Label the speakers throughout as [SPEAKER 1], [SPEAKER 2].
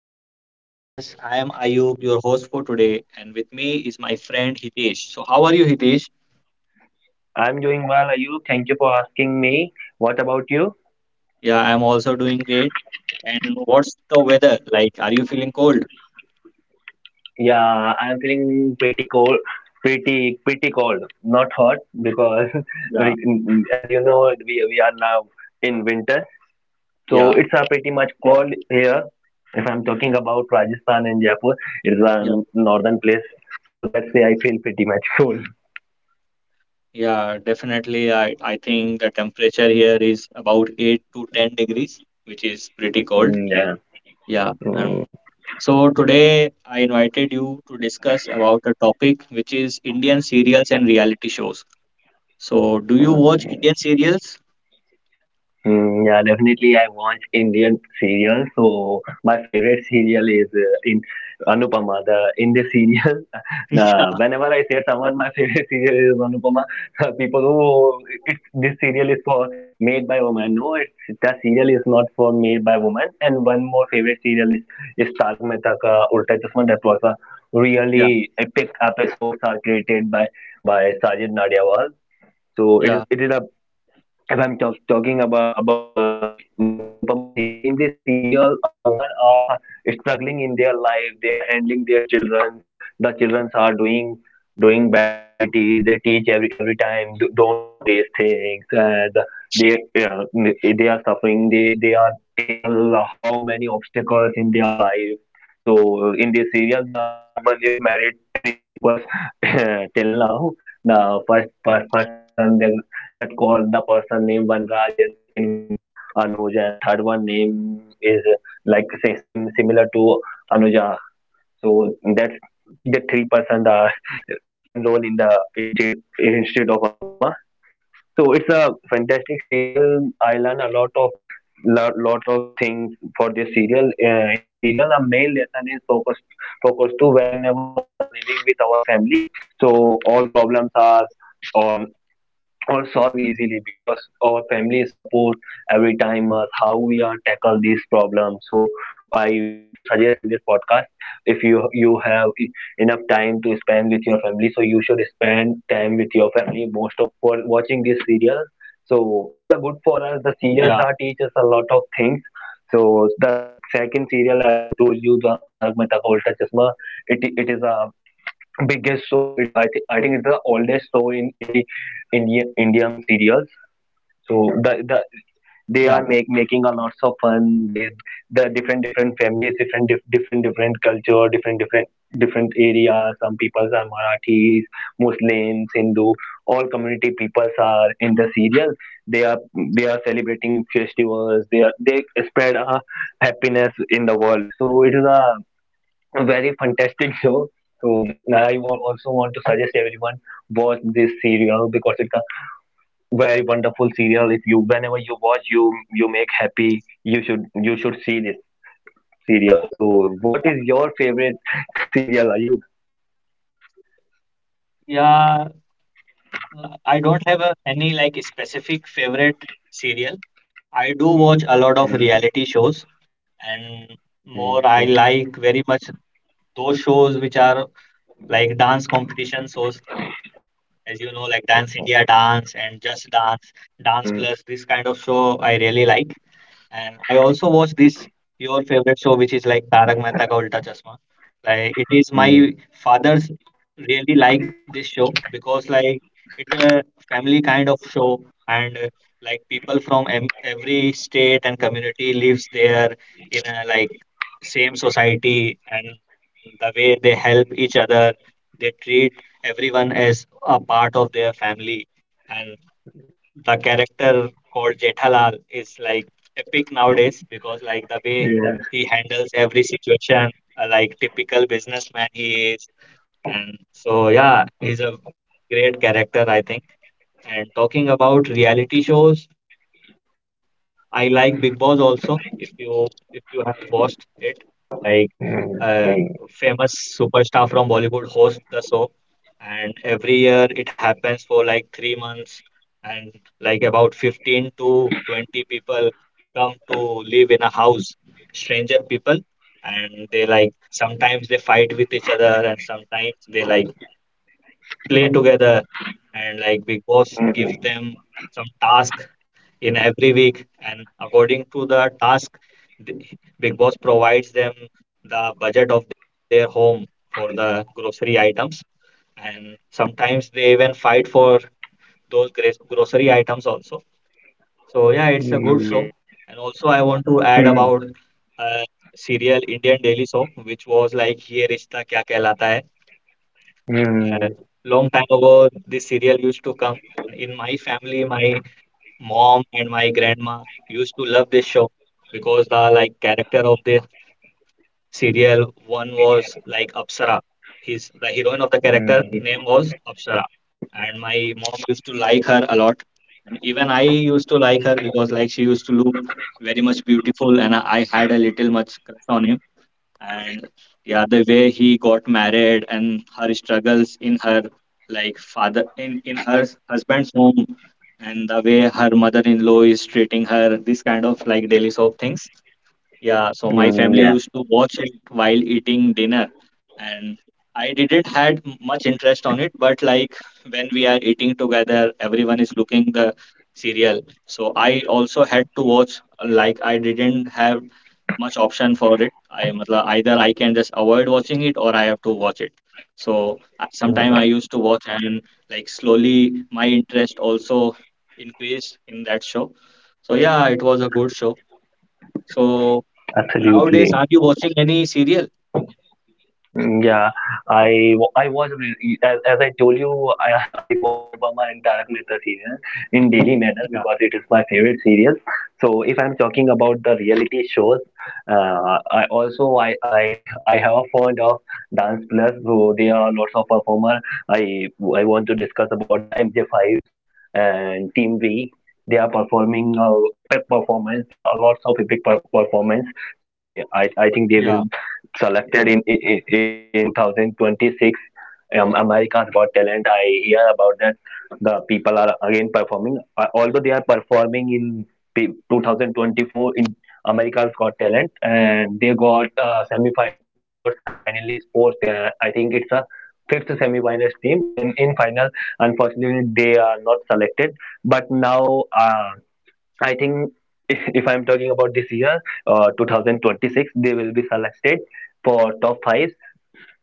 [SPEAKER 1] to our podcast. I am Ayub, your host for today, and with me is my friend Hitesh. So, how are you, Hitesh?
[SPEAKER 2] I'm doing well. Are you? Thank you for asking me. What about you?
[SPEAKER 1] Yeah, I'm also doing great. And what's the weather like? Are you feeling cold?
[SPEAKER 2] Yeah, I'm feeling pretty cold, pretty cold, not hot because we,
[SPEAKER 1] Yeah,
[SPEAKER 2] as you know, we are now in winter, so
[SPEAKER 1] yeah,
[SPEAKER 2] it's a pretty much cold here. If I'm talking about Rajasthan and Jaipur, it's
[SPEAKER 1] yeah,
[SPEAKER 2] a northern place, so that's why I feel pretty much cold.
[SPEAKER 1] yeah, definitely. I think the temperature here is about 8 to 10 degrees, which is pretty cold.
[SPEAKER 2] Mm, yeah.
[SPEAKER 1] Yeah, and
[SPEAKER 2] Mm,
[SPEAKER 1] so today I invited you to discuss about a topic which is Indian serials and reality shows. So, do you watch Indian
[SPEAKER 2] mm.
[SPEAKER 1] serials?
[SPEAKER 2] Mm, yeah, definitely. I watch Indian serials. So my favorite serial is in Anupama, the Indian serial. Nah, whenever I say someone my favorite serial is Anupama, people who it's, this serial is for made by woman. No, it's the serial is not for made by woman. And one more favorite serial is Tarak Mehta Ka Ulta Chashma. That was a
[SPEAKER 1] Yeah,
[SPEAKER 2] really epic episodes are created by Sajid Nadiawal. So it is
[SPEAKER 1] yeah,
[SPEAKER 2] it is a if I'm talking about the, Anupama serial, in this serial, a woman are struggling in their life. They are handling their children. The children are doing bad activities. They teach every time, don't do these things." And they uh, they are suffering. They are tackle how many obstacles in their life. So in this serial, the woman is married three people till now the first person that call the person name one Raj, and second one Anuj, and third one name is like say same similar to Anuja. So that's the three-person are main role in the instead instead of Anupama. So it's a fantastic serial. I learn a lot of things for this serial. In the serial, a main lesson is focus to whenever we are living with our family. So all problems are on or solve easily because our family support every time us how we are tackle these problems, so I want to suggest in this podcast, if you have enough time to spend with your family, so you should spend time with your family most of for watching these serials. So it's a good
[SPEAKER 1] yeah,
[SPEAKER 2] for us, the serials are teach us a lot of things. So the second serial, as I told you, the Tarak Mehta Ka Ulta Chashma, it is a biggest show. It I think it's the oldest show in Indian serials. So the
[SPEAKER 1] yeah,
[SPEAKER 2] they are making a lots of fun. The different families, different culture, different areas. Some people are Marathis, Muslims, Hindu. All community peoples are in the serial. They are they are celebrating festivals. They spread a happiness in the world. So it is a very fantastic show. So I also want to suggest everyone watch this serial because it's a very wonderful serial. If you whenever you watch, you make happy. You should see this serial. So what
[SPEAKER 1] yeah.
[SPEAKER 2] is your favorite serial? Are you?
[SPEAKER 1] Yeah, I don't have a, any like specific favorite serial. I do watch a lot of
[SPEAKER 2] Mm,
[SPEAKER 1] reality shows, and more
[SPEAKER 2] mm,
[SPEAKER 1] I like very much those shows which are like dance competition shows, as you know, like Dance India
[SPEAKER 2] mm,
[SPEAKER 1] Dance and Just Dance, Dance Plus. This kind of show I really like. And I also watch this your favorite show, which is like Tarak Mehta Ka Ulta Chashma. Like it is
[SPEAKER 2] mm,
[SPEAKER 1] my father's really like this show because like it's a family kind of show and like people from every state and community lives there in a like same society and the way they help each other, they treat everyone as a part of their family. And the character called Jethalal is like epic nowadays because like the way
[SPEAKER 2] yes,
[SPEAKER 1] he handles every situation, like typical businessman he is, and so yeah, he's a great character I think. And talking about reality shows, I like Big Boss also. If you have watched it, like
[SPEAKER 2] mm, yeah,
[SPEAKER 1] uh, famous superstar from Bollywood hosts the show, and every year it happens for like 3 months, and like about 15 to 20 people come to live in a house, stranger people, and they like sometimes they fight with each other, and sometimes they like play together, and like Big
[SPEAKER 2] mm, mm,
[SPEAKER 1] Boss
[SPEAKER 2] mm,
[SPEAKER 1] gives them some task in every week and according to the task the- big boss provides them the budget of their home for the grocery items and sometimes they even fight for those grocery items also, so yeah, it's a good
[SPEAKER 2] yeah,
[SPEAKER 1] show. And also I want to add about a serial Indian daily soap which was like here is the Kya Kehlata Hai.
[SPEAKER 2] mm,
[SPEAKER 1] uh,
[SPEAKER 2] mm,
[SPEAKER 1] Long time ago this serial used to come in my family. My mom and my grandma used to love this show because the like character of the serial one was like Apsara. His the heroine of the character
[SPEAKER 2] mm,
[SPEAKER 1] name was Apsara, and my mom used to like her a lot, and even I used to like her because like she used to look very much beautiful, and I had a little much crush on him. And yeah, the way he got married and her struggles in her like father in her husband's home and the way her mother-in-law is treating her, this kind of like daily soap things. Yeah, so my
[SPEAKER 2] mm,
[SPEAKER 1] family
[SPEAKER 2] yeah,
[SPEAKER 1] used to watch it while eating dinner, and I didn't had much interest on it, but like when we are eating together, everyone is looking the serial. So I also had to watch, like I didn't have much option for it. I मतलब either I can just avoid watching it or I have to watch it. So
[SPEAKER 2] uh,
[SPEAKER 1] sometime I used to watch and like slowly my interest also increased in that show. So yeah, it was a good show. So nowadays,
[SPEAKER 2] absolutely.
[SPEAKER 1] are you watching any serial?
[SPEAKER 2] Mm, yeah, I I watch, as I told you, I I watch Anupama and Tarak Mehta serial in daily manner
[SPEAKER 1] Yeah,
[SPEAKER 2] because it is my favorite serial. So if I'm talking about the reality shows, I also I have a fond of Dance Plus, so there are lots of performer. I I want to discuss about the MJ5s and Team V. They are performing epic performance. There are lots of epic performance. Say I
[SPEAKER 1] yeah,
[SPEAKER 2] think they will selected in 2026 America's Got Talent. I hear about that. The people are again performing. Although they are performing in 2024 in America's Got Talent, and they got semi finalist fourth. I think it's a fifth semi finalist team. In final, unfortunately, they are not selected. But now, I think, if I'm talking about this year, 2026, they will be selected for top five.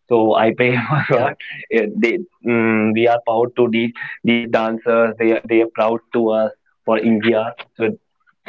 [SPEAKER 2] So
[SPEAKER 1] yeah,
[SPEAKER 2] I pray for God. Eh, They, we are proud to these dancers. They are proud to us for India. So.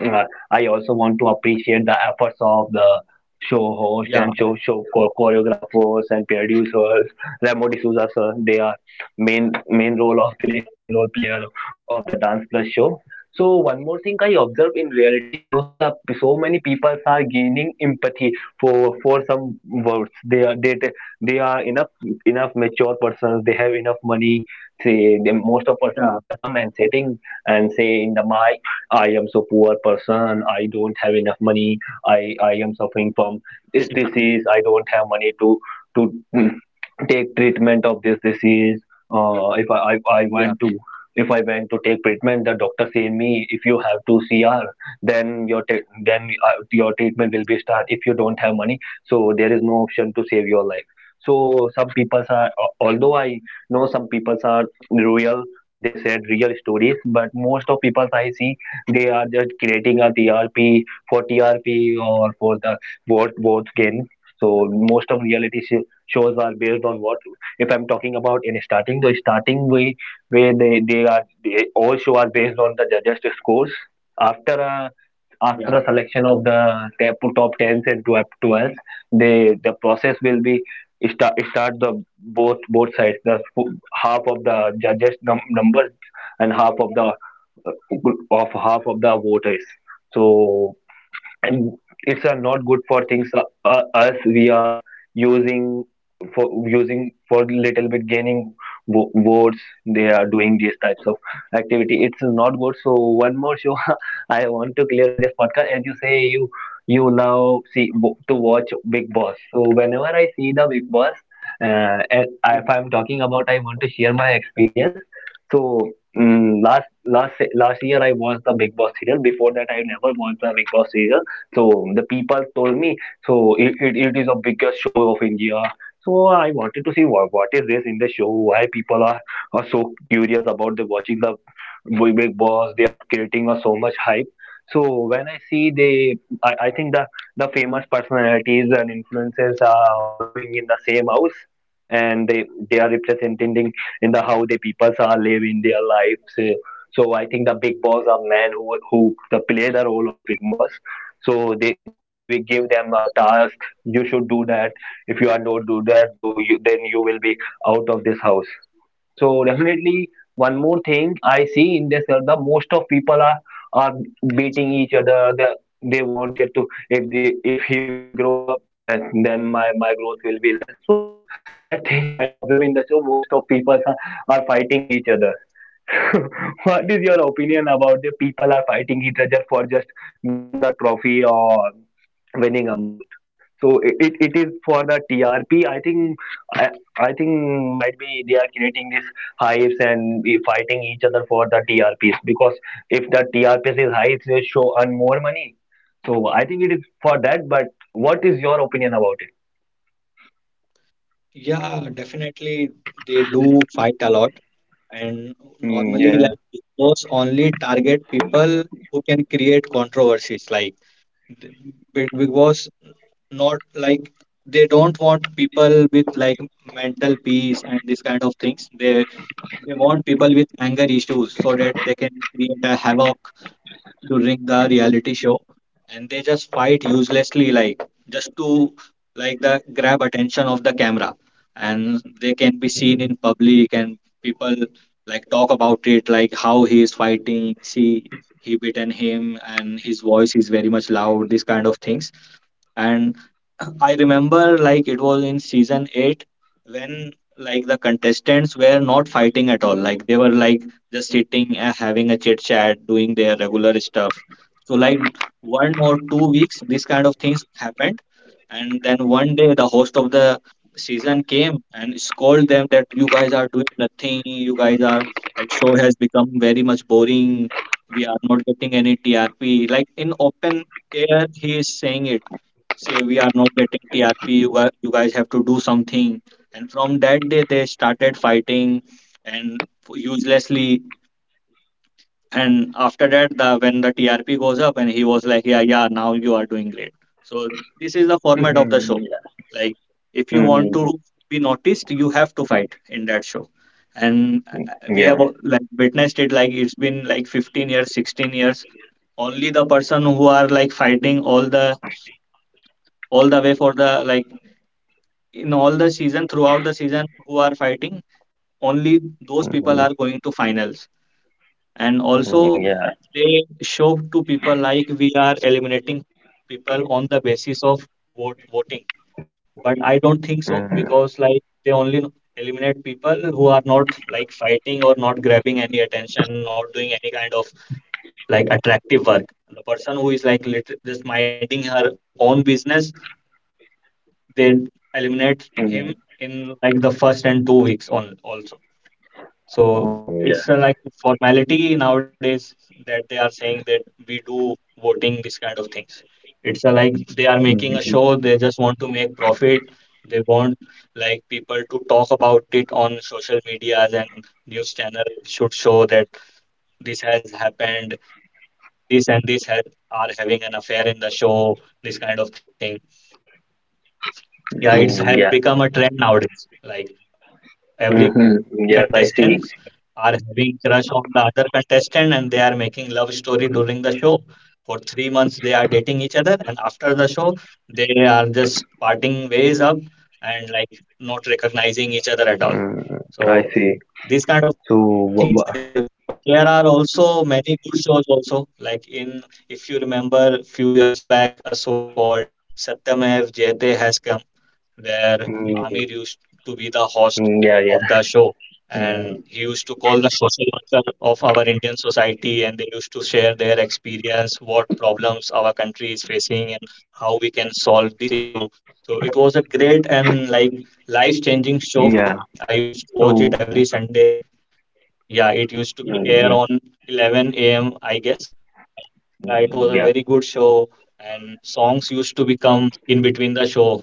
[SPEAKER 2] Uh, I also want to appreciate the efforts of the
[SPEAKER 1] yeah,
[SPEAKER 2] show host and choreographers and producers. Remo D'Souza sir, they are main role player of the Dance Plus show. So one more thing I observe in reality shows, that so many people are gaining empathy for some words. They are enough mature persons. They have enough money. Say they, most
[SPEAKER 1] yeah,
[SPEAKER 2] of persons are come and sitting and say in the my I am so poor person. I don't have enough money. I am suffering from this disease. I don't have money to mm, take treatment of this disease. If
[SPEAKER 1] yeah,
[SPEAKER 2] I, I want to if I went to take treatment, the doctor said me, if you have two CR, then then your treatment will be start. If you don't have money, so there is no option to save your life. So some people are although I know some people are real, they said real stories, but most of people I see, they are just creating a TRP for TRP or for the vote what gain. So most of reality shows are based on what. If I'm talking about in starting, the starting way where they all show are based on the judges' scores. After a
[SPEAKER 1] yeah,
[SPEAKER 2] after a selection of the top 10s and 12 12s, they the process will be start the both sides, the half of the judges numbers and half of the uh, of half of the voters, so and it's not good for things, us, we are using for using for little bit gaining votes, they are doing these types of activity, it's not good. So one more show I want to clear in this podcast, as you say you now see to watch Big Boss. So whenever I see the Big Boss, if I'm talking about, I want to share my experience, so last year I watched the Big Boss serial. Before that I never watched the Big Boss serial. So the people told me, so it is the biggest show of India. So I wanted to see, what is this in the show? Why people are so curious about the watching the Big Boss? They are creating a so much hype. So when I see they, I think the famous personalities and influencers are living in the same house, and they are representing in the how the people are living their lives. So I think the big boss are men who the play the role of big boss. So they give them a task. You should do that. If you are not do that, though, then you will be out of this house. So definitely, one more thing I see in this, the most of people are beating each other. They wanted to, if he will grow up, and then my growth will be less. So that thing I observe in the show, most of people are, fighting each other. What is your opinion about the people are fighting each other for just winning the trophy or winning amount? So it is for the TRP. I, I think might be they are creating these hives and be fighting each other for the TRPs, because if the TRPs is high, it will show earn more money. So I think it is for that. But what is your opinion about it?
[SPEAKER 1] yeah. Definitely, they do fight a lot, and
[SPEAKER 2] Mm,
[SPEAKER 1] normally, like
[SPEAKER 2] yeah.
[SPEAKER 1] Big Boss only target people who can create controversies. Like the Big Boss, not like they don't want people with like mental peace and this kind of things. They want people with anger issues so that they can create a havoc during the reality show and they just fight uselessly like just to like the grab attention of the camera and they can be seen
[SPEAKER 2] Mhm.
[SPEAKER 1] in public and people like talk about it, like how he is fighting, see he beaten him and his voice is very much loud, these kind of things. And I remember like it was in season eight when like the contestants were not fighting at all. Like they were like just sitting and having a chit chat, doing their regular stuff. So like 1 or 2 weeks, this kind of things happened, and then one day the host of the season came and scolded them that you guys are doing nothing. You guys are like show has become very much boring. We are not getting any TRP. Like in open air, he is saying it say we are not getting TRP, you guys have to do something. And from that day, they started fighting and uselessly. And after that, the when the TRP goes up, and he was like, yeah, yeah, now you are doing great. So this is the format of the show.
[SPEAKER 2] Mhm. Yeah.
[SPEAKER 1] Like if you want to
[SPEAKER 2] Mhm.
[SPEAKER 1] be noticed, you have to fight in that show. And we have
[SPEAKER 2] Yeah.
[SPEAKER 1] like witnessed it like it's been like 15 years, 16 years. Only the person who are like fighting all the way for the like in all the season throughout the season who are fighting, only those people are
[SPEAKER 2] Mhm.
[SPEAKER 1] going to finals, and also
[SPEAKER 2] Mhm. Yeah.
[SPEAKER 1] they show to people like we are eliminating people on the basis of vote voting, but I don't think so
[SPEAKER 2] Mhm.
[SPEAKER 1] because
[SPEAKER 2] Mhm.
[SPEAKER 1] like they only eliminate people who are not like fighting or not grabbing any attention, not doing any kind of like attractive work. The person who is like just minding her own business, they eliminate
[SPEAKER 2] Mm,
[SPEAKER 1] him in like the first and 2 weeks on also. So
[SPEAKER 2] yeah.
[SPEAKER 1] it's like formality nowadays that they are saying that we do voting, this kind of things. It's like they are making a
[SPEAKER 2] Mhm.
[SPEAKER 1] show, they just want to make profit. They want like people to talk about it on social medias and news channel should show that this has happened, this and this has, are having an affair in the show, this kind of thing. Yeah,
[SPEAKER 2] Mm, yeah.
[SPEAKER 1] it's had become a trend nowadays. Like
[SPEAKER 2] Mhm.
[SPEAKER 1] every
[SPEAKER 2] Yes, I
[SPEAKER 1] contestants
[SPEAKER 2] see.
[SPEAKER 1] are having crush on the other contestant and they are making love story during the show. For 3 months they are dating each other and after the show they are just parting ways up and like not recognizing each other at
[SPEAKER 2] Mm,
[SPEAKER 1] all.
[SPEAKER 2] I see.
[SPEAKER 1] So
[SPEAKER 2] So
[SPEAKER 1] these kind of
[SPEAKER 2] what,
[SPEAKER 1] things
[SPEAKER 2] what
[SPEAKER 1] they are doing. But there are also many good shows also. Like in if you remember few years back a show called Satyamev Jayate has come where
[SPEAKER 2] Mm,
[SPEAKER 1] Amir used to be the host
[SPEAKER 2] mm, yeah, yeah.
[SPEAKER 1] of the show. And
[SPEAKER 2] Mm,
[SPEAKER 1] he used to call the social worker of our Indian society, and they used to share their experience, what problems our country is facing, and how we can solve this issue. So it was a great and like life-changing show
[SPEAKER 2] yeah.
[SPEAKER 1] for me. I used to watch
[SPEAKER 2] So,
[SPEAKER 1] it every Sunday. Yeah, it used to be
[SPEAKER 2] mm,
[SPEAKER 1] air
[SPEAKER 2] yeah.
[SPEAKER 1] on 11 a.m., I guess. Yeah, it was
[SPEAKER 2] Mm,
[SPEAKER 1] a
[SPEAKER 2] yeah.
[SPEAKER 1] very good show, and songs used to become in between the show,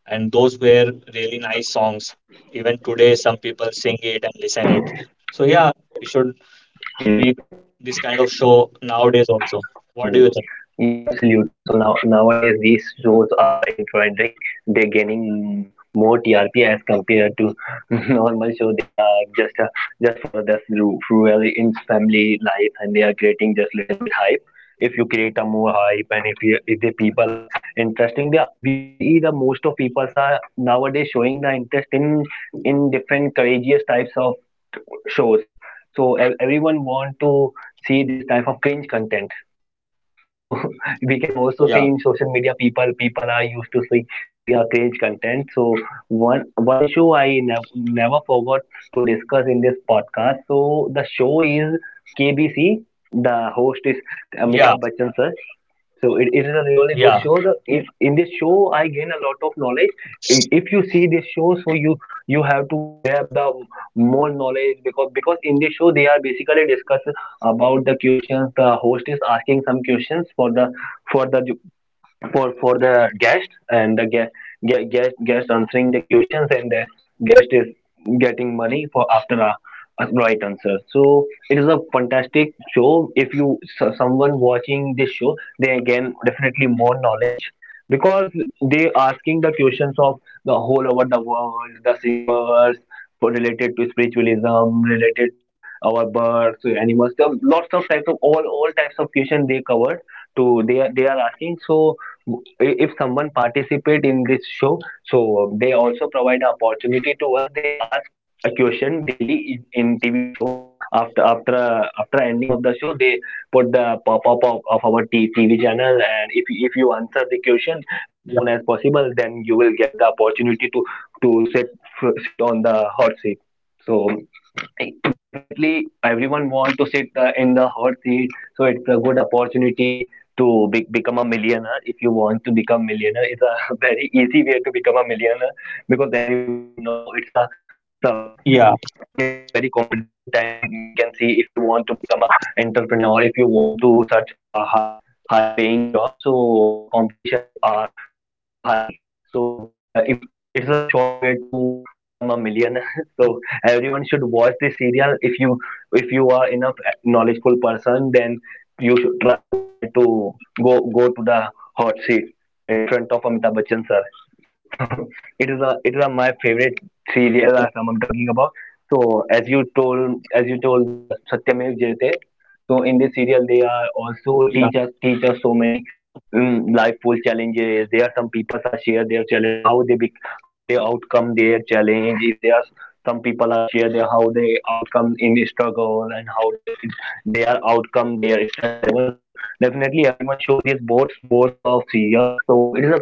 [SPEAKER 1] and those were really nice songs. Even today, some people sing it and listen it. So yeah, we should make
[SPEAKER 2] Mm,
[SPEAKER 1] this kind of show nowadays also. What
[SPEAKER 2] mm,
[SPEAKER 1] do you think?
[SPEAKER 2] yeah, absolutely. So now, nowadays these shows are in trending. They're gaining more TRP as compared to normal show. They are just for the rural in family life, and they are creating just little bit hype. If you create a more hype, and if the people are interesting, they are, we can see the most of people are nowadays showing the interest in different courageous types of shows. So everyone want to see this type of cringe content, so we can also see in social media
[SPEAKER 1] Yeah,
[SPEAKER 2] people are used to see a cringe content. So one one show I never forgot to discuss in this podcast. So the show is KBC. The host is Amitabh Bachchan sir.
[SPEAKER 1] yeah,
[SPEAKER 2] So it is a really good show. If in this
[SPEAKER 1] yeah,
[SPEAKER 2] show I gain a lot of knowledge. If you see this show, so you have to grab the more knowledge, because in this show they are basically discussing about the questions. The host is asking some questions for the for the guest, and the guest answering the questions, and the guest is getting money for after a right answer. So it is a fantastic show. If you, so someone watching this show, they gain definitely more knowledge, because they asking the questions of the whole over the world, the singers, for related to spiritualism, related to our birds, animals, lots of types of all types of questions they covered to, they are asking. So if someone participate in this show, so they also provide opportunity to us. They ask a question daily in tv shows. After after after ending of the show, they put the pop-up of our tv channel, and if you answer the question as soon
[SPEAKER 1] yeah,
[SPEAKER 2] as possible, then you will get the opportunity to to sit sit on the hot seat. So definitely everyone want to sit in the hot seat. So it's a good opportunity to become a millionaire. If you want to become millionaire, it's a very easy way to become a millionaire, because everyone know it's a
[SPEAKER 1] yeah,
[SPEAKER 2] it is a very competitive time. We can see if you want to become a entrepreneur, or if you want to search a high paying job, so the competition is so high. So the, if it, it's a short way to become a millionaire. So everyone should watch this serial. If you, if you are enough knowledgeful person, then you should try to go to the hot seat in front of Amitabh Bachchan sir. So it is a my favorite serial that I'm talking about. So as you told the Satyamev Jayate, so in this serial they are also teach us teach
[SPEAKER 1] yeah,
[SPEAKER 2] us so many life full challenges. There are some people are share their challenge, how they outcome their challenge. If there are some people are share their how they outcome in struggle, and how they are outcome their stress level. So definitely everyone show these both of serials. So it is a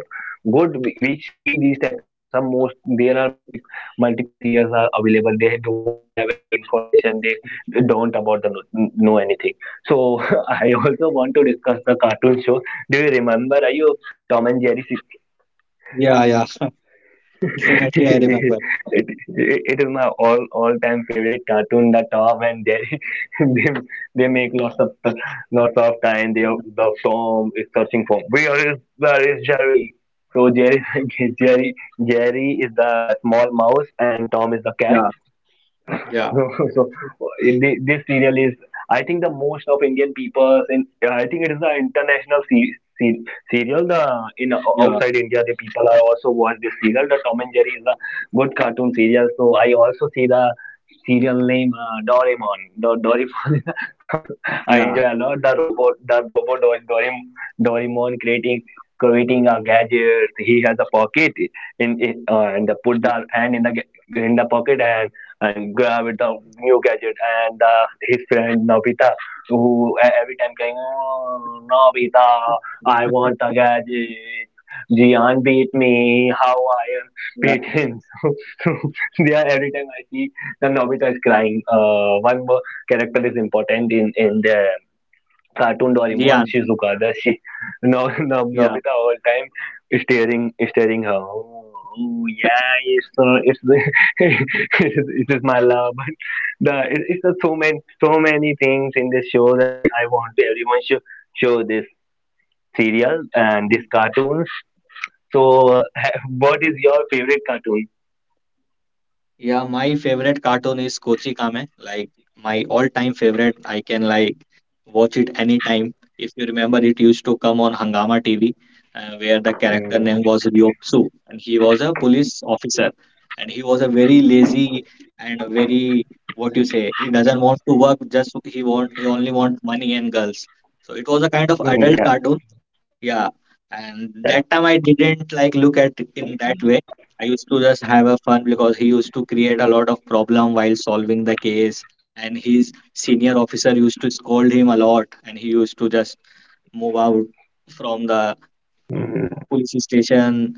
[SPEAKER 2] good which see these types of things. Some most there are multiple serials are available. They don't have any information. They don't about the know anything. So I also want to discuss the cartoon show. Do you remember, are you, Tom and Jerry?
[SPEAKER 1] yeah, yeah, yeah.
[SPEAKER 2] it,
[SPEAKER 1] Definitely,
[SPEAKER 2] it,
[SPEAKER 1] I remember.
[SPEAKER 2] it is my all time favorite cartoon, The Tom and Jerry. they they make lots of time. They, the Tom is searching for where is Jerry. So Jerry Jerry Jerry is the small mouse, and Tom is the cat.
[SPEAKER 1] Yeah,
[SPEAKER 2] So
[SPEAKER 1] yeah,
[SPEAKER 2] this serial is, I think, the most of Indian people. In I think it is the international se- serial. The in outside India, the people
[SPEAKER 1] yeah,
[SPEAKER 2] are also watch this serial. The Tom and Jerry is a good cartoon serial. So I also see the serial name Doraemon. Doraemon. I enjoy a lot
[SPEAKER 1] yeah,
[SPEAKER 2] the robot Doraemon creating a gadget. He has a pocket and the put the
[SPEAKER 1] yeah,
[SPEAKER 2] hand in the in the pocket, and grab it the new gadget, and his friend Nobita, who every time going, oh Nobita, I want a gadget. Jian beat me. How I am
[SPEAKER 1] yeah.
[SPEAKER 2] beaten. So they are every time I see, then Nobita is crying. One more character is important in the cartoon Doraemon,
[SPEAKER 1] Jian,
[SPEAKER 2] Shizuka. The she, no, no, Nobita
[SPEAKER 1] yeah.
[SPEAKER 2] all time staring her. Oh, oh, yeah, it's it is my love. But the it's so many things in this show that I want everyone should show this serial and this cartoon. So, uh, what is your favorite cartoon?
[SPEAKER 1] Yeah, my favorite cartoon is Kochi Kame. Like my all-time favorite. I can like watch it anytime. If you remember, it used to come on Hangama TV, where the character
[SPEAKER 2] Mm,
[SPEAKER 1] name was Ryotsu, and he was a police officer, and he was a very lazy and a very what you say. He doesn't want to work. Just he want he only want money and girls. So it was a kind of adult
[SPEAKER 2] yeah,
[SPEAKER 1] cartoon, yeah, and
[SPEAKER 2] yeah.
[SPEAKER 1] that time I didn't like look at it in that way. I used to just have a fun because he used to create a lot of problem while solving the case, and his senior officer used to scold him a lot, and he used to just move out from the
[SPEAKER 2] Mm.
[SPEAKER 1] police station.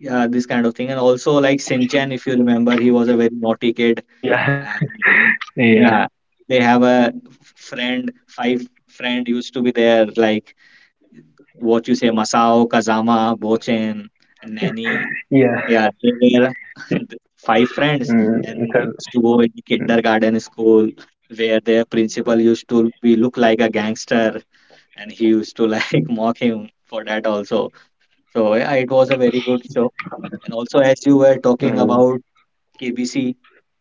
[SPEAKER 1] Yeah, this kind of thing, and also like Sinchan, if you remember, he was a very naughty kid,
[SPEAKER 2] Yeah.
[SPEAKER 1] and
[SPEAKER 2] Yeah,
[SPEAKER 1] yeah, they have a friend, five friend used to be there like what you say, Masao, Kazama, Bochin, and Nanny.
[SPEAKER 2] yeah.
[SPEAKER 1] Yeah, they were five friends
[SPEAKER 2] Mm,
[SPEAKER 1] and
[SPEAKER 2] because,
[SPEAKER 1] they used to go in
[SPEAKER 2] mm,
[SPEAKER 1] kindergarten school where their principal used to be look like a gangster and he used to like mock him for that also. So yeah, it was a very good show. And also as you were talking
[SPEAKER 2] mm,
[SPEAKER 1] about KBC,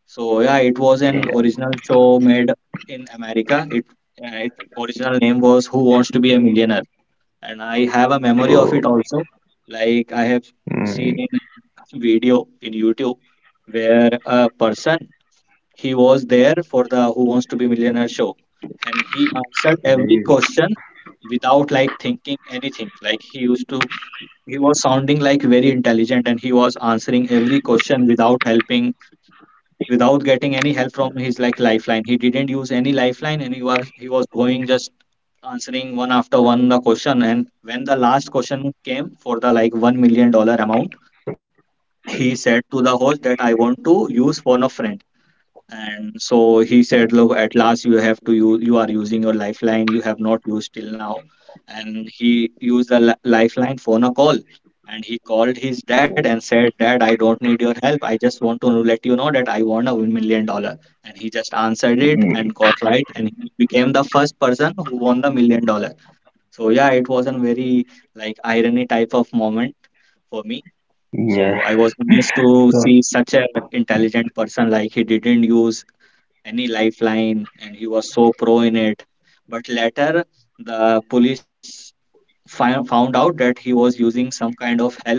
[SPEAKER 1] so yeah, it was
[SPEAKER 2] yeah.
[SPEAKER 1] an original show made in America. It, it original name was Who Wants to Be a Millionaire? And I have a memory
[SPEAKER 2] So,
[SPEAKER 1] of it also. Like I have
[SPEAKER 2] mm,
[SPEAKER 1] seen in a video in YouTube where a person he was there for the Who Wants to Be Millionaire show, and he answered every
[SPEAKER 2] mm,
[SPEAKER 1] question without like thinking anything. Like he used to, he was sounding like very intelligent, and he was answering every question without helping without getting any help from his like lifeline. He didn't use any lifeline, and he was going just answering one after one the question. And when the last question came for the like $1 million amount, he said to the host that I want to use for of friend, and so he said look at last you have to use, you are using your lifeline, you have not used till now. And he used the lifeline phone a call, and he called his dad and said, dad, I don't need your help, I just want to let you know that I won $1 million. And he just answered it
[SPEAKER 2] mm,
[SPEAKER 1] and got right, and he became the first person who won the million dollar. So yeah, it was a very like irony type of moment for me. So
[SPEAKER 2] yeah.
[SPEAKER 1] I was amazed to
[SPEAKER 2] So,
[SPEAKER 1] see such an intelligent person, like he didn't use any lifeline, and he was so pro in it. But later, the police found out that he was using some kind of help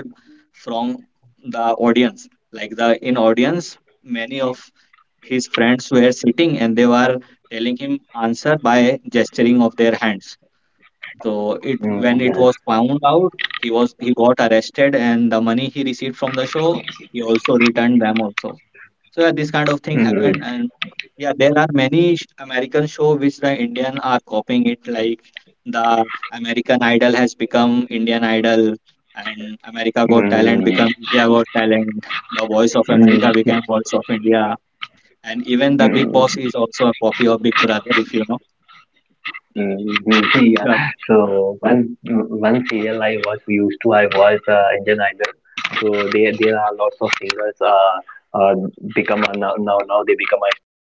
[SPEAKER 1] from the audience. Like the in audience, many of his friends were sitting and they were telling him answer by gesturing of their hands. So it
[SPEAKER 2] mm,
[SPEAKER 1] when it
[SPEAKER 2] yeah.
[SPEAKER 1] was found out, he got arrested, and the money he received from the show, he also returned them also. So yeah, this kind of thing
[SPEAKER 2] Mm,
[SPEAKER 1] happened, and yeah, there are many American show which the Indian are copying it. Like the American Idol has become Indian Idol, and America Got Talent
[SPEAKER 2] mm,
[SPEAKER 1] become India Got Talent. The Voice of America became Voice of India, and even
[SPEAKER 2] mm,
[SPEAKER 1] the Big
[SPEAKER 2] mm,
[SPEAKER 1] Boss is also a copy of Big Brother, if you know.
[SPEAKER 2] mm, yeah.
[SPEAKER 1] Yeah.
[SPEAKER 2] So once, once serial I was used to, I was Indian Idol. So there are lots of singers uh become a, now they become a star